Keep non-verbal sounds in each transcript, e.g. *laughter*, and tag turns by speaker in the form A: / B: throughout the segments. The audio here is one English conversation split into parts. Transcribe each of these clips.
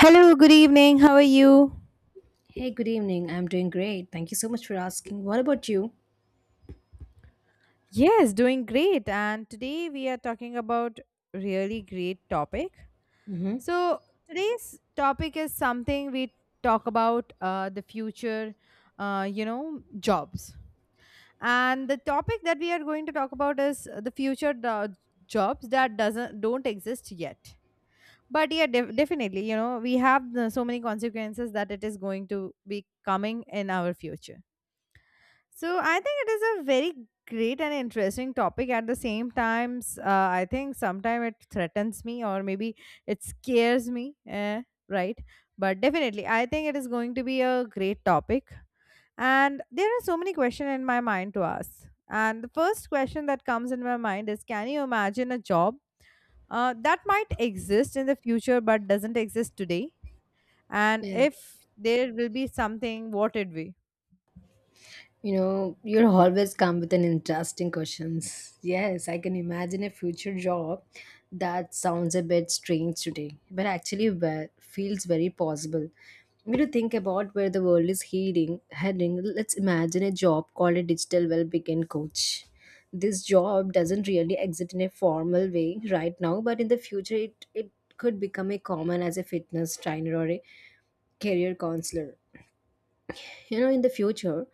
A: Hello, good evening. How are you?
B: Hey, good evening. I'm doing great. Thank you so much for asking. What about you?
A: Yes, doing great. And today we are talking about really great topic.
B: Mm-hmm.
A: So today's topic is something we talk about the future, jobs. And the topic that we are going to talk about is the future the jobs that doesn't don't exist yet. But yeah, definitely, you know, we have so many consequences that it is going to be coming in our future. So I think it is a very great and interesting topic at the same times I think sometimes it threatens me, or maybe it scares me, right? But definitely I think it is going to be a great topic, and there are so many questions in my mind to ask, and the first question that comes in my mind is, can you imagine a job that might exist in the future but doesn't exist today? And
B: Yeah.
A: if there will be something, what it be?
B: You know, you'll always come with an interesting questions. Yes, I can imagine a future job that sounds a bit strange today, but actually well, feels very possible. When you think about where the world is heading, let's imagine a job called a digital well-being coach. This job doesn't really exist in a formal way right now, but in the future, it could become a common as a fitness trainer or a career counselor. You know, in the future,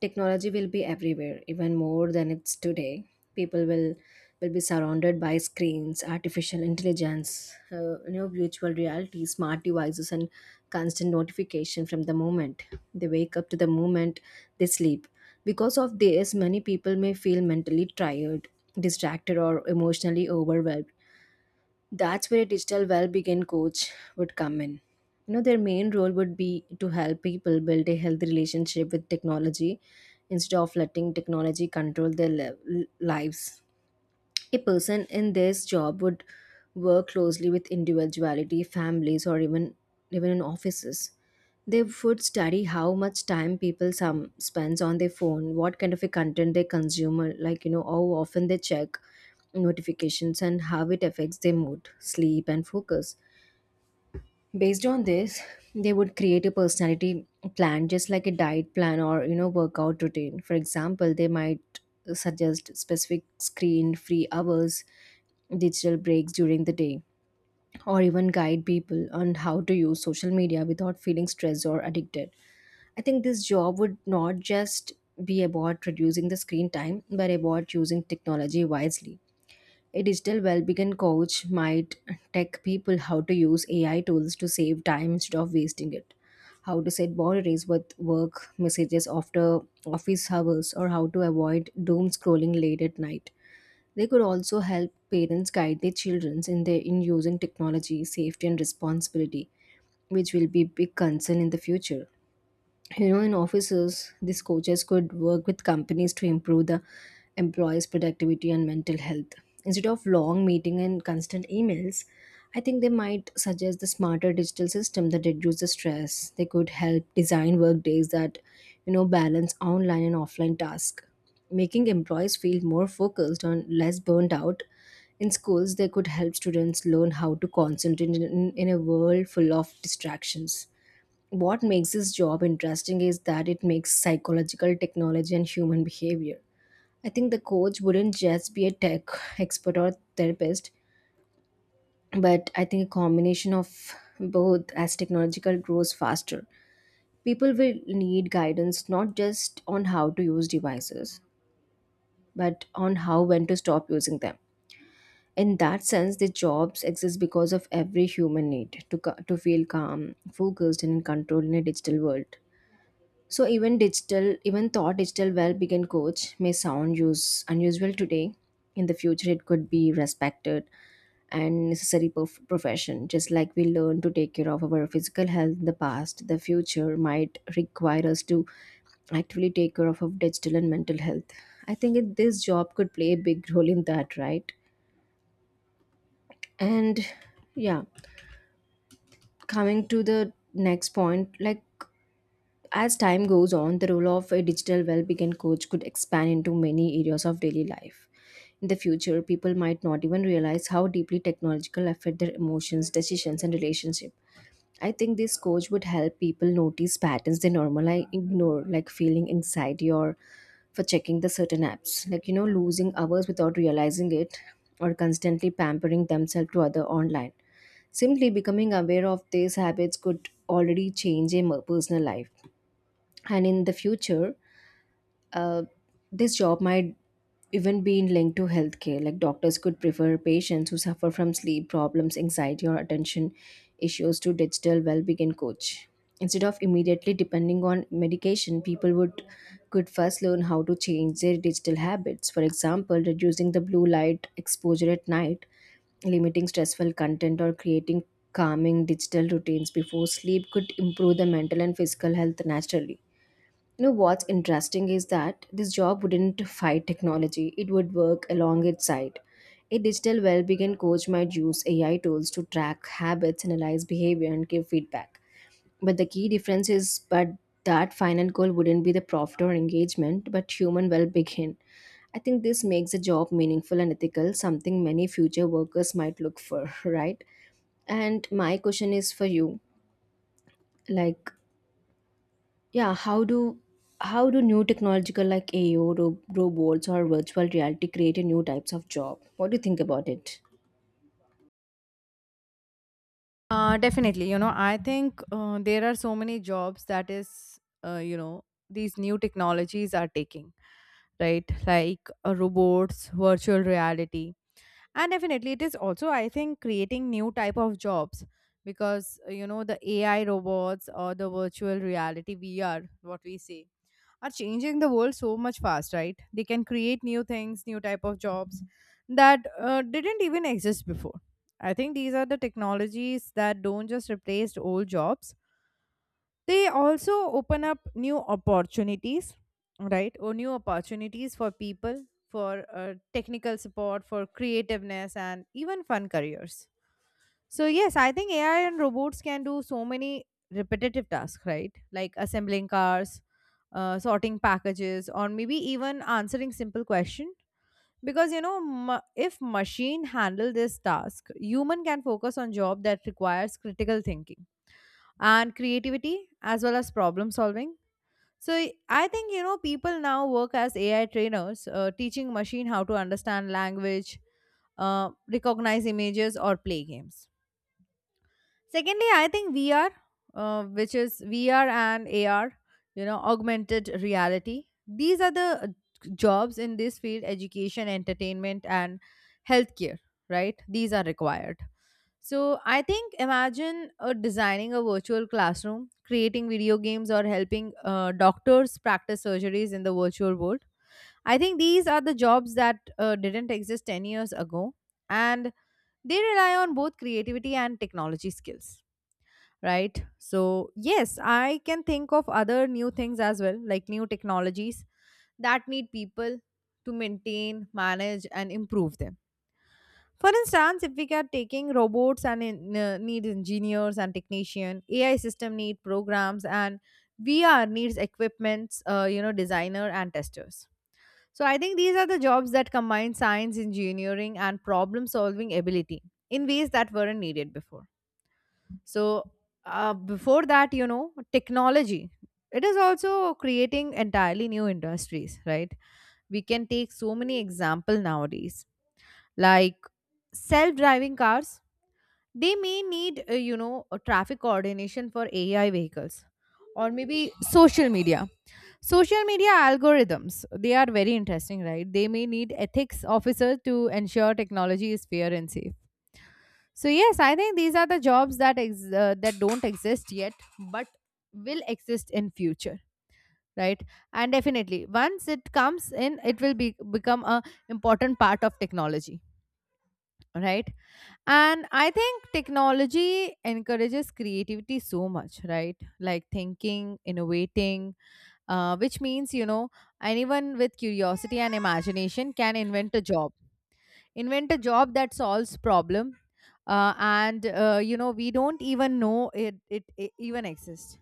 B: technology will be everywhere, even more than it's today. People will be surrounded by screens, artificial intelligence, you know, virtual reality, smart devices, and constant notification from the moment they wake up to the moment they sleep. Because of this, many people may feel mentally tired, distracted, or emotionally overwhelmed. That's where a digital well-being coach would come in. You know, their main role would be to help people build a healthy relationship with technology instead of letting technology control their lives. A person in this job would work closely with individuality, families, or even in offices. They would study how much time people some spends on their phone, what kind of a content they consume, or like you know, how often they check notifications, and how it affects their mood, sleep, and focus. Based on this, they would create a personality plan just like a diet plan or you know workout routine. For example, they might suggest specific screen-free hours, digital breaks during the day, or even guide people on how to use social media without feeling stressed or addicted. I think this job would not just be about reducing the screen time, but about using technology wisely. A digital well-being coach might tech people how to use AI tools to save time instead of wasting it, how to set boundaries with work messages after office hours, or how to avoid doom scrolling late at night. They could also help parents guide their children in their in using technology, safety, and responsibility, which will be big concern in the future. You know, in offices these coaches could work with companies to improve the employees productivity and mental health instead of long meeting and constant emails. I think they might suggest the smarter digital system that reduces stress. They could help design work days that you know balance online and offline tasks, making employees feel more focused and less burnt out. In schools they could help students learn how to concentrate in a world full of distractions. What makes this job interesting is that it makes psychological technology and human behavior. I think the coach wouldn't just be a tech expert or therapist, but I think a combination of both as technological grows faster. People will need guidance not just on how to use devices, but on how when to stop using them. In that sense, the jobs exist because of every human need to feel calm, focused, and in control in a digital world. So even though digital well-being coach may sound use unusual today, in the future it could be respected and necessary profession. Just like we learn to take care of our physical health in the past, the future might require us to actively take care of our digital and mental health. I think this job could play a big role in that, right? And yeah, coming to the next point, like, as time goes on, the role of a digital well-being coach could expand into many areas of daily life. In the future, people might not even realize how deeply technological affect their emotions, decisions, and relationship. I think this coach would help people notice patterns they normally ignore, like feeling anxiety or for checking the certain apps, like you know, losing hours without realizing it, or constantly pampering themselves to other online. Simply becoming aware of these habits could already change a personal life. And in the future uh, this job might even be linked to healthcare. Like doctors could prefer patients who suffer from sleep problems, anxiety, or attention issues to digital well-being coach. Instead of immediately depending on medication, people would could first learn how to change their digital habits. For example, reducing the blue light exposure at night, limiting stressful content, or creating calming digital routines before sleep could improve the mental and physical health naturally. You know what's interesting is that this job wouldn't fight technology, it would work along its side. A digital well-being coach might use AI tools to track habits, analyze behavior, and give feedback. But the key difference is but that final goal wouldn't be the profit or engagement, but human well-being. I think this makes the job meaningful and ethical, something many future workers might look for, *laughs* right? And my question is for you, like, yeah, how do new technological like AO, robots or virtual reality create a new types of job? What do you think about it?
A: Definitely. You know, I think there are so many jobs that is, uh, you know, these new technologies are taking, right? Like robots, virtual reality, and definitely it is also, I think, creating new type of jobs because you know, the AI robots or the virtual reality, VR, what we say, are changing the world so much fast, right? They can create new things, new type of jobs that didn't even exist before. I think these are the technologies that don't just replace old jobs, they also open up new opportunities, right? Or new opportunities for people for technical support, for creativeness, and even fun careers. So yes, I think AI and robots can do so many repetitive tasks, right? Like assembling cars, sorting packages, or maybe even answering simple question. Because you know, if machine handle this task, human can focus on job that requires critical thinking and creativity, as well as problem solving. So I think, you know, people now work as AI trainers, teaching machine how to understand language, uh, recognize images, or play games. Secondly, I think VR, which is VR and AR, you know, augmented reality. These are the jobs in this field: education, entertainment, and healthcare, right? These are required. So I think, imagine designing a virtual classroom, creating video games, or helping doctors practice surgeries in the virtual world. I think these are the jobs that didn't exist 10 years ago, and they rely on both creativity and technology skills, right? So yes, I can think of other new things as well, like new technologies that need people to maintain, manage, and improve them. For instance, if we are taking robots and in, need engineers and technician, AI system need programs, and VR needs equipments, you know, designer and testers. So I think these are the jobs that combine science, engineering, and problem solving ability in ways that weren't needed before. So, before that, you know, technology. It is also creating entirely new industries, right? We can take so many example nowadays, like self-driving cars. They may need, a traffic coordination for AI vehicles, or maybe social media. Social media algorithms. They are very interesting, right? They may need ethics officers to ensure technology is fair and safe. So yes, I think these are the jobs that that don't exist yet, but will exist in future, right? And definitely, once it comes in, it will be become a important part of technology, right? And I think technology encourages creativity so much, right? Like thinking, innovating, which means, you know, anyone with curiosity and imagination can invent a job, invent a job that solves problem and, we don't even know it, it even exists.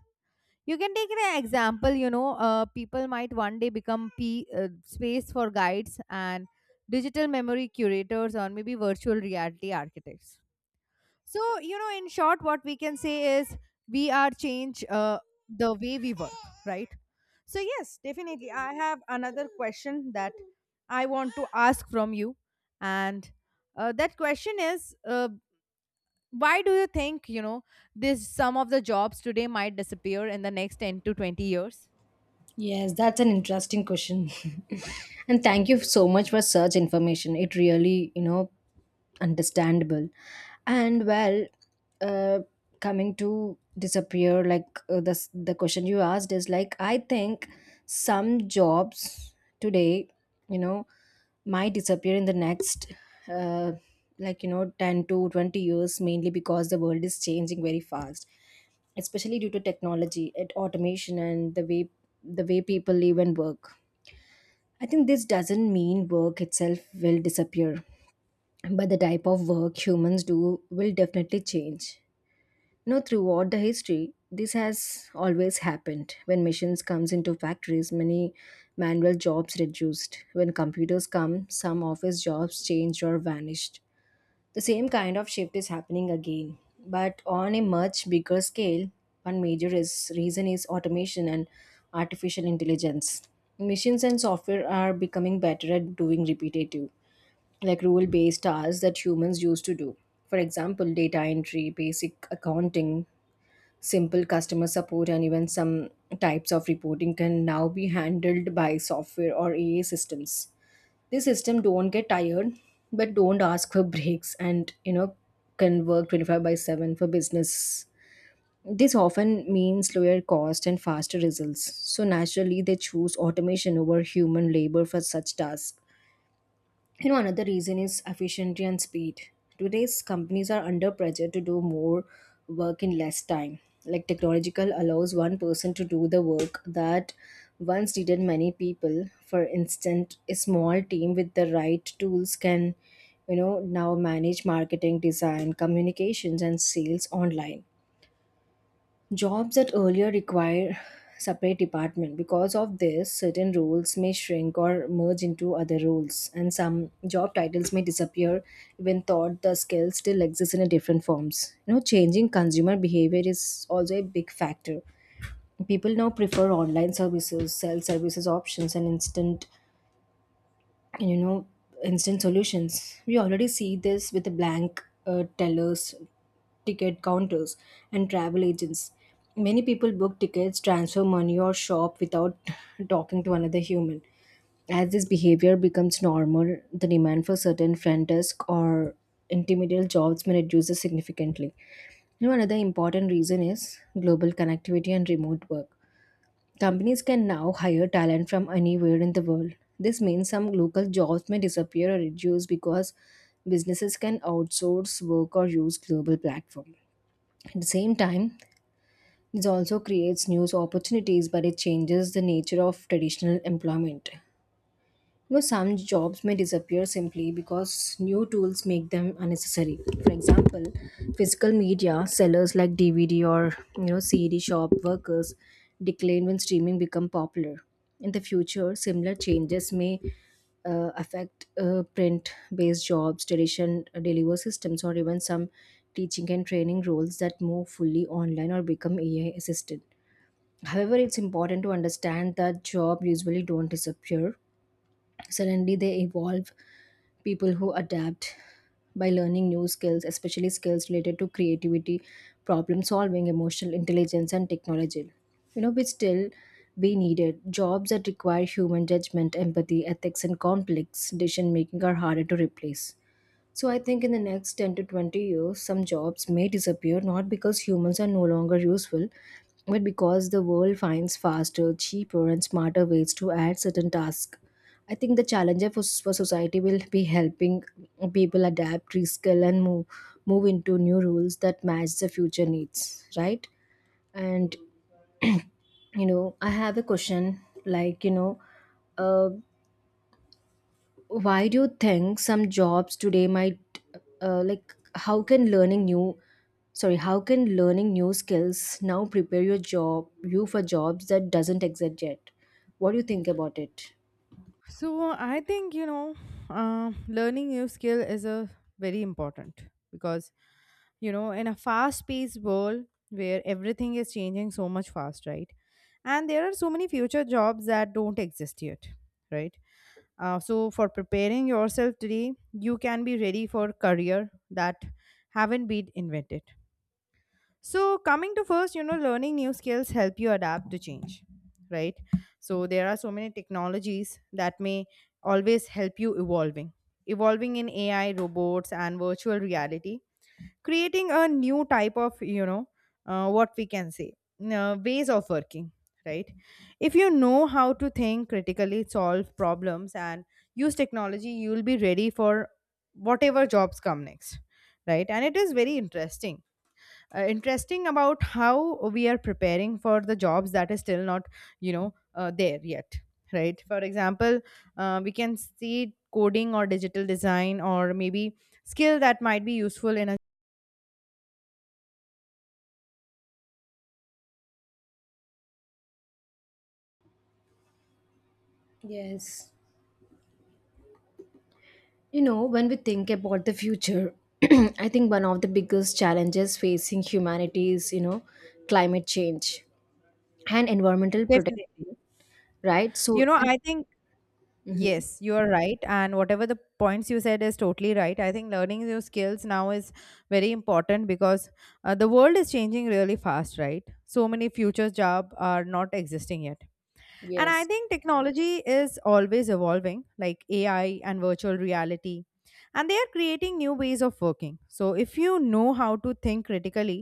A: You can take an example, you know, people might one day become p uh, space for guides and digital memory curators, or maybe virtual reality architects. So, you know, in short, what we can say is we are change the way we work, right? So, yes, definitely. I have another question that I want to ask from you. And that question is, why do you think, you know, this some of the jobs today might disappear in the next 10 to 20 years?
B: Yes, that's an interesting question. *laughs* And thank you so much for such information. It really you know understandable. And well, uh, coming to disappear like, the question you asked is like, I think some jobs today you know might disappear in the next, uh, like you know, 10 to 20 years, mainly because the world is changing very fast, especially due to technology and automation and the way people live and work. I think this doesn't mean work itself will disappear, but the type of work humans do will definitely change. No, throughout the history, this has always happened. When machines comes into factories, many manual jobs reduced. When computers come, some office jobs changed or vanished. The same kind of shift is happening again, but on a much bigger scale. Reason is automation and artificial intelligence. Machines and software are becoming better at doing repetitive like rule based tasks that humans used to do. For example, data entry, basic accounting, simple customer support, and even some types of reporting can now be handled by software or AI systems. These systems don't get tired, but don't ask for *laughs* breaks and, you know, can work 25 by 7 for business. This often means lower cost and faster results. So naturally, they choose automation over human labor for such tasks. You know, another reason is efficiency and speed. Today's companies are under pressure to do more work in less time. Like technological allows one person to do the work that once needed many people. For instance, a small team with the right tools can you know now manage marketing, design, communications, and sales online. Jobs that earlier require separate department, because of this certain roles may shrink or merge into other roles, and some job titles may disappear even thought the skills still exist in a different forms. You know, changing consumer behavior is also a big factor. People now prefer online services, self services options, and instant you know instant solutions. We already see this with the blank tellers, ticket counters, and travel agents. Many people book tickets, transfer money, or shop without *laughs* talking to another human. As this behavior becomes normal, the demand for certain front desk or intermediate jobs may reduce significantly. You know, another important reason is global connectivity and remote work. Companies can now hire talent from anywhere in the world. This means some local jobs may disappear or reduce because businesses can outsource work or use global platforms. At the same time, this also creates new opportunities, but it changes the nature of traditional employment. No, some jobs may disappear simply because new tools make them unnecessary. For example, physical media sellers like DVD or you know CD shop workers decline when streaming become popular. In the future, similar changes may affect print-based jobs, tradition deliver systems, or even some teaching and training roles that move fully online or become AI assisted. However, it's important to understand that jobs usually don't disappear suddenly, they evolve. People who adapt by learning new skills, especially skills related to creativity, problem solving, emotional intelligence, and technology. You know, which still be needed. Jobs that require human judgment, empathy, ethics, and complex decision making are harder to replace. So I think in the next 10 to 20 years, some jobs may disappear not because humans are no longer useful, but because the world finds faster, cheaper, and smarter ways to add certain tasks. I think the challenge for society will be helping people adapt, reskill, and move into new rules that match the future needs, right? And, I have a question like, uh, why do you think some jobs today might like how can learning new sorry how can learning new skills now prepare your job you for jobs that doesn't exist yet? What do you think about it?
A: So I think, you know, learning new skill is a very important because you know in a fast-paced world where everything is changing so much fast, right? And there are so many future jobs that don't exist yet, right? So for preparing yourself today, you can be ready for career that haven't been invented. So, coming to first, you know, learning new skills help you adapt to change, right? So, there are so many technologies that may always help you evolving. Evolving in AI, robots, and virtual reality, creating a new type of, you know, what we can say, ways of working, right? If you know how to think critically, solve problems, and use technology, you will be ready for whatever jobs come next, right? And it is very interesting, about how we are preparing for the jobs that is still not, you know, there yet, right? For example, we can see coding or digital design, or maybe skill that might be useful in a
B: Yes. You know, when we think about the future, *clears throat* I think one of the biggest challenges facing humanity is, you know, climate change and environmental protection,
A: definitely,
B: right? So
A: you know,
B: I,
A: I think,
B: Mhm.
A: yes, you are right, and whatever the points you said is totally right. I think learning new skills now is very important because the world is changing really fast, right? So many future jobs are not existing yet. And I
B: Yes.
A: think technology is always evolving, like AI and virtual reality. And they are creating new ways of working. So if you know how to think critically,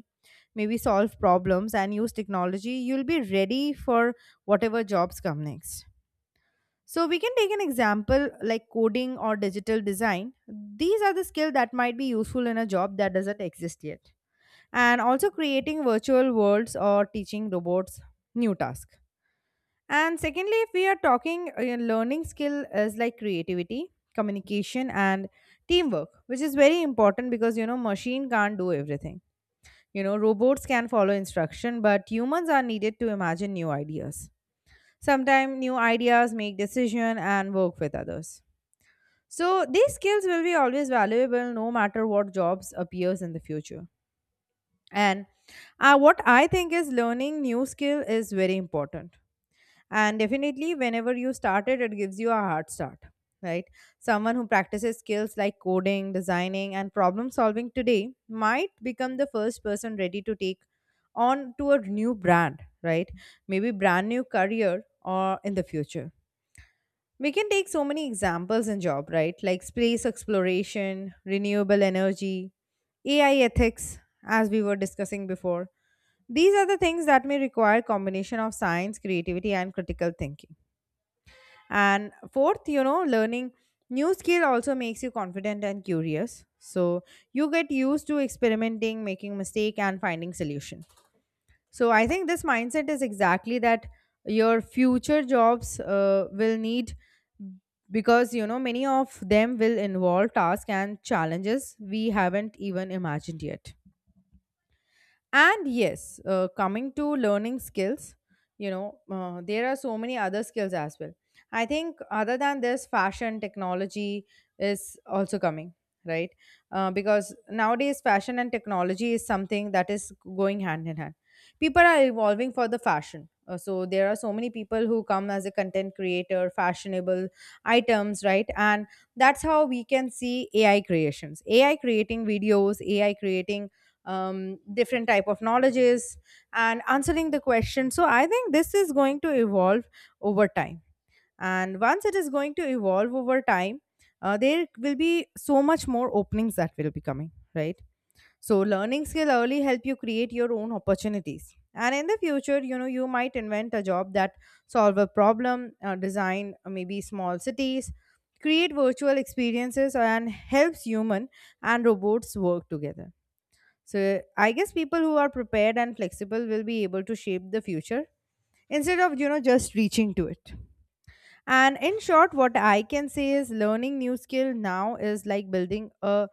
A: maybe solve problems and use technology, you'll be ready for whatever jobs come next. So we can take an example like coding or digital design. These are the skills that might be useful in a job that doesn't exist yet. And also creating virtual worlds or teaching robots new tasks. And secondly, if we are talking learning skill is like creativity, communication, and teamwork, which is very important because you know machine can't do everything. You know, robots can follow instruction, but humans are needed to imagine new ideas. Sometimes new ideas make decision and work with others. So these skills will be always valuable no matter what jobs appears in the future. And what I think is learning new skill is very important, and definitely whenever you started it, it gives you a hard start, right? Someone who practices skills like coding, designing, and problem solving today might become the first person ready to take on to a new brand, right? Maybe brand new career or in the future. We can take so many examples in job, right? Like space exploration, renewable energy, AI ethics, as we were discussing before. These are the things that may require combination of science, creativity, and critical thinking. And fourth, you know, learning new skill also makes you confident and curious, so you get used to experimenting, making mistake, and finding solution. So I think this mindset is exactly that your future jobs will need, because you know many of them will involve tasks and challenges we haven't even imagined yet. And yes, coming to learning skills, you know, there are so many other skills as well. I think other than this, fashion technology is also coming, right? Because nowadays, fashion and technology is something that is going hand in hand. People are evolving for the fashion. So there are so many people who come as a content creator, fashionable items, right? And that's how we can see AI creations, AI creating videos, AI creating, different type of knowledges and answering the question. So I think this is going to evolve over time, and once it is going to evolve over time, there will be so much more openings that will be coming, right? So learning skill early help you create your own opportunities, and in the future, you know, you might invent a job that solve a problem, design, maybe small cities, create virtual experiences, and helps human and robots work together. So I guess people who are prepared and flexible will be able to shape the future instead of, you know, just reaching to it. And in short, what I can say is learning new skill now is like building a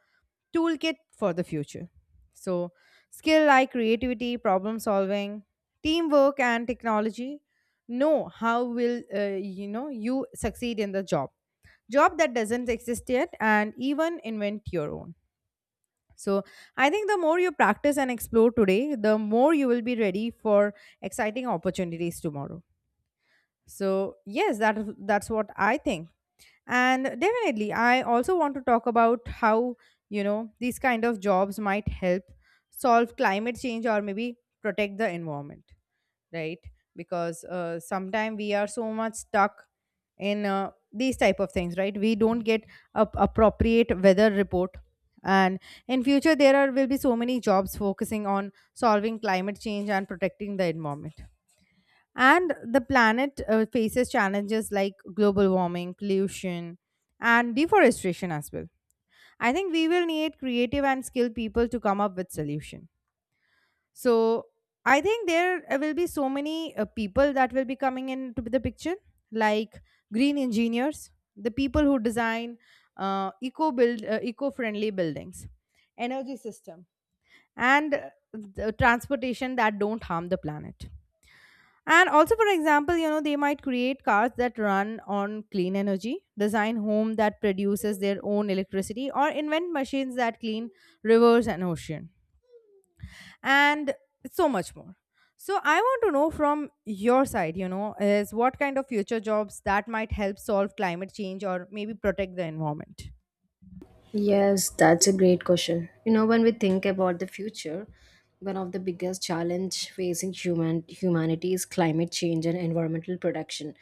A: toolkit for the future. So skill like creativity, problem solving, teamwork, and technology know how will, you succeed in the job. Job that doesn't exist yet and even invent your own. So I think the more you practice and explore today, the more you will be ready for exciting opportunities tomorrow. So yes, that's what I think. And definitely I also want to talk about how, you know, these kind of jobs might help solve climate change or maybe protect the environment, right? Because sometimes we are so much stuck in these type of things, right? We don't get a appropriate weather report. And in future there are will be so many jobs focusing on solving climate change and protecting the environment and the planet faces challenges like global warming, pollution, and deforestation as well. I think we will need creative and skilled people to come up with solutions. So I think there will be so many people that will be coming into the picture, like green engineers, the people who design eco-friendly buildings, energy system, and the transportation that don't harm the planet. And also, for example, you know, they might create cars that run on clean energy, design home that produces their own electricity, or invent machines that clean rivers and ocean and so much more. So I want to know from your side, you know, is what kind of future jobs that might help solve climate change or maybe protect the environment?
B: Yes, that's a great question. You know, when we think about the future, one of the biggest challenge facing humanity is climate change and environmental protection.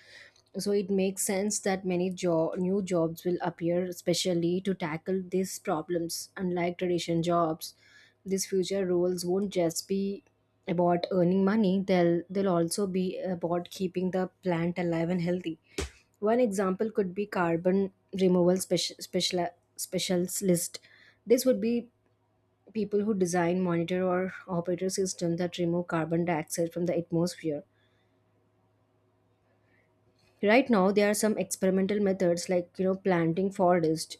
B: So it makes sense that new jobs will appear, especially to tackle these problems. Unlike traditional jobs, these future roles won't just be about earning money, they'll also be about keeping the plant alive and healthy. One example could be carbon removal specialist. This would be people who design, monitor, or operate a system that remove carbon dioxide from the atmosphere. Right now, there are some experimental methods like, you know, planting forest,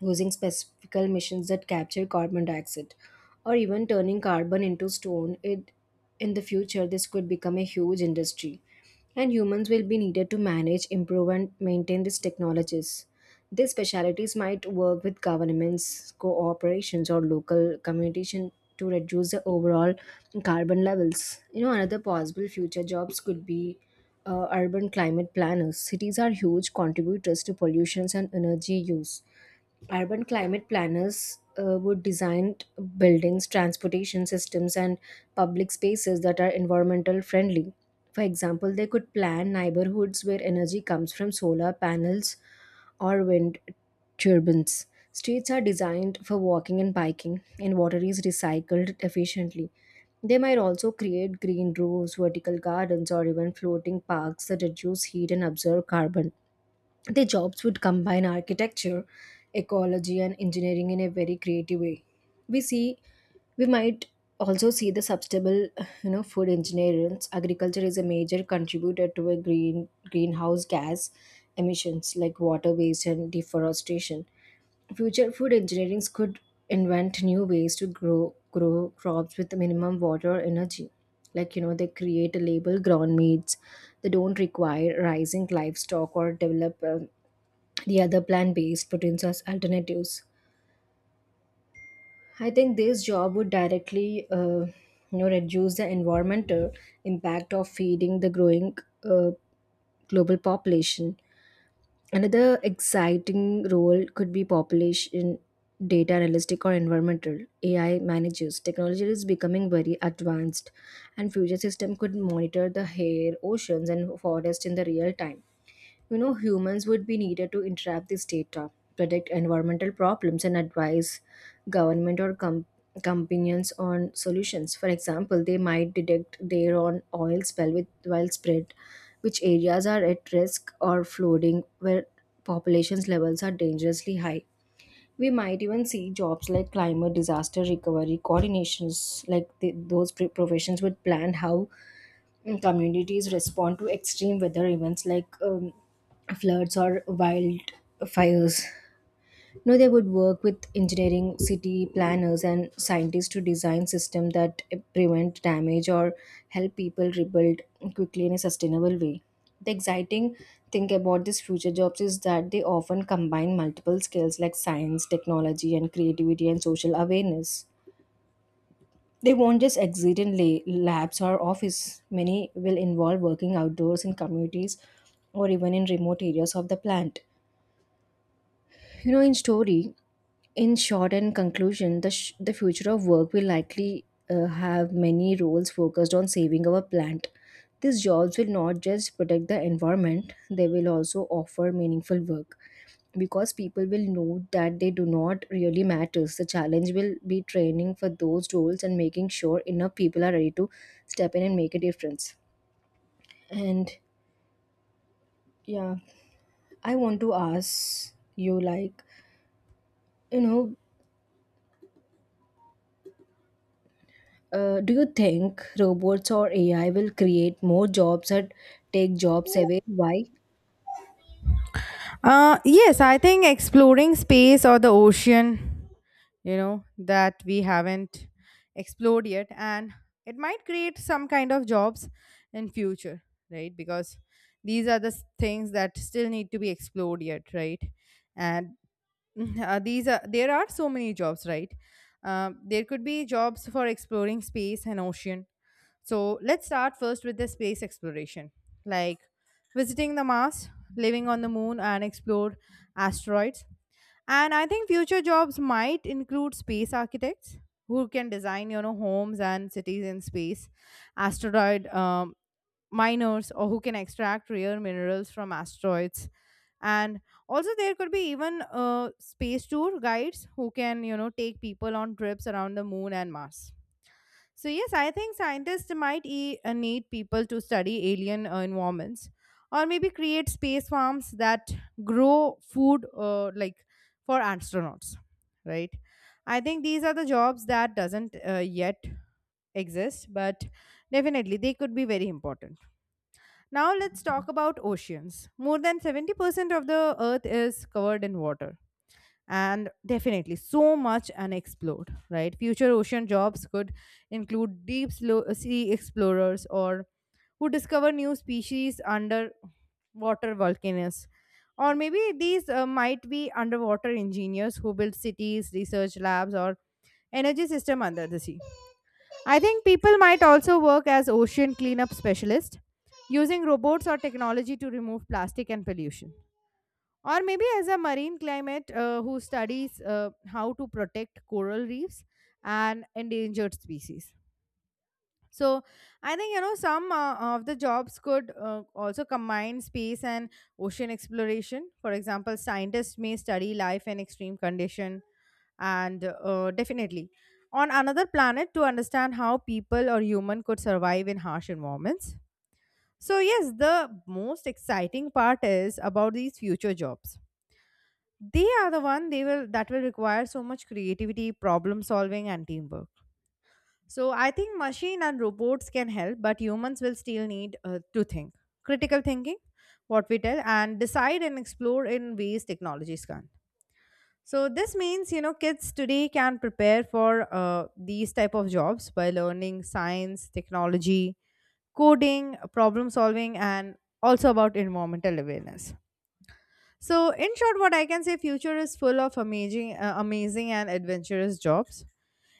B: using specific missions that capture carbon dioxide, or even turning carbon into stone. It in the future, this could become a huge industry, and humans will be needed to manage, improve, and maintain these technologies. These specialities might work with governments, cooperations, or local communication to reduce the overall carbon levels. You know, another possible future jobs could be urban climate planners. Cities are huge contributors to pollutions and energy use. Urban climate planners would design buildings, transportation systems, and public spaces that are environmental friendly. For example, they could plan neighborhoods where energy comes from solar panels or wind turbines. Streets are designed for walking and biking, and water is recycled efficiently. They might also create green roofs, vertical gardens, or even floating parks that reduce heat and absorb carbon. Their jobs would combine architecture, ecology, and engineering in a very creative way. We see, we might also see the sustainable, you know, food engineers. Agriculture is a major contributor to a greenhouse gas emissions like water waste and deforestation. Future food engineers could invent new ways to grow crops with minimum water or energy. Like, you know, they create a label ground meats. They don't require rising livestock or develop the other plant-based proteins as alternatives. I think this job would directly, you know, reduce the environmental impact of feeding the growing, uh, global population. Another exciting role could be population data analytic or environmental AI managers. Technology is becoming very advanced, and future system could monitor the air, oceans, and forest in the real time. You know, humans would be needed to interpret this data, predict environmental problems, and advise government or companies on solutions. For example, they might detect their own oil spill with while spread, which areas are at risk or flooding, where populations levels are dangerously high. We might even see jobs like climate disaster recovery coordinations, like the, professions would plan how and communities respond to extreme weather events like floods or wildfires. No, they would work with engineering, city planners, and scientists to design systems that prevent damage or help people rebuild quickly in a sustainable way. The exciting thing about these future jobs is that they often combine multiple skills like science, technology, and creativity and social awareness. They won't just exist in labs or office. Many will involve working outdoors in communities or even in remote areas of the plant. You know, in story, in short and conclusion, the future of work will likely have many roles focused on saving our plant. These jobs will not just protect the environment, they will also offer meaningful work, because people will know that they do not really matters. The challenge will be training for those roles and making sure enough people are ready to step in and make a difference. And yeah, I want to ask you like, you know, do you think robots or ai will create more jobs or take jobs away? Why? Yes,
A: Yes, I think exploring space or the ocean, you know, that we haven't explored yet, and it might create some kind of jobs in future, right? Because these are the things that still need to be explored yet, right? And *laughs* these are there are so many jobs, right? There could be jobs for exploring space and ocean. So let's start first with the space exploration, like visiting the Mars, living on the moon, and explore asteroids. And I think future jobs might include space architects who can design, you know, homes and cities in space, asteroid miners, or who can extract rare minerals from asteroids. And also, there could be even space tour guides who can, you know, take people on trips around the moon and Mars. So, yes, I think scientists might need people to study alien environments or maybe create space farms that grow food like for astronauts, right? I think these are the jobs that doesn't yet exist, but definitely they could be very important. Now, let's talk about oceans. More than 70% of the earth is covered in water, and definitely so much unexplored, right? Future ocean jobs could include deep sea explorers or who discover new species under water volcanoes, or maybe these might be underwater engineers who build cities, research labs, or energy system under the sea. I think people might also work as ocean cleanup specialists using robots or technology to remove plastic and pollution, or maybe as a marine climate who studies how to protect coral reefs and endangered species. So I think, you know, some of the jobs could also combine space and ocean exploration. For example, scientists may study life in extreme condition and definitely on another planet to understand how people or human could survive in harsh environments. So yes, the most exciting part is about these future jobs. They are the one, they will, that will require so much creativity, problem solving, and teamwork. So I think machine and robots can help, but humans will still need to think, critical thinking, what we tell and decide and explore in ways technologies can't. So this means, you know, kids today can prepare for these type of jobs by learning science, technology, coding, problem solving, and also about environmental awareness. So, in short, what I can say, future is full of amazing, amazing and adventurous jobs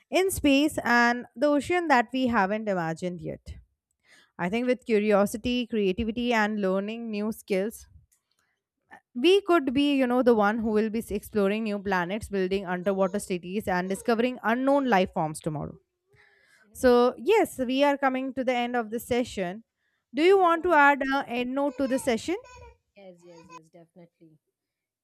A: in space and the ocean that we haven't imagined yet. I think with curiosity, creativity, and learning new skills, we could be, you know, the one who will be exploring new planets, building underwater cities, and discovering unknown life forms tomorrow.
B: you know,
A: So, yes, we are coming to the end of the session. Do you
B: as I
A: want to
B: want,
A: add an end note to the session?
B: yes, yes, yes, definitely.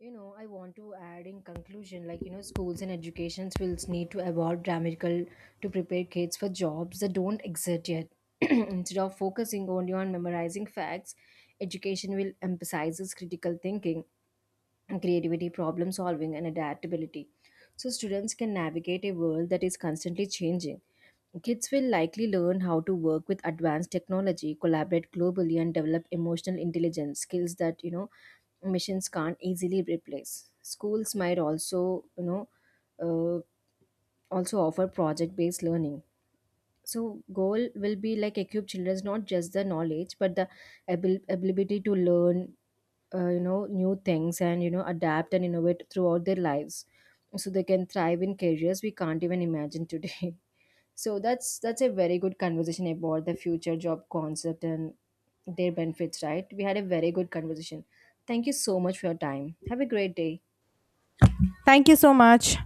B: You know, I want to add in conclusion, like, you know, schools and educations will need to evolve dramatically to prepare kids for jobs that don't exist yet. *clears throat* Instead of focusing only on memorizing facts, education will emphasizes critical thinking and creativity, problem solving, and adaptability, so students can navigate a world that is constantly changing. Kids will likely learn how to work with advanced technology, collaborate globally, and develop emotional intelligence skills that, you know, machines can't easily replace. Schools might also, uh, also offer project based learning. So goal will be like equip children not just the knowledge but the ability to learn, you know, new things and, you know, adapt and innovate throughout their lives, so they can thrive in careers we can't even imagine today. *laughs* So that's a very good conversation about the future job concept and their benefits, right? We had a very good conversation. Thank you so much for your time. Have a great day.
A: Thank you so much.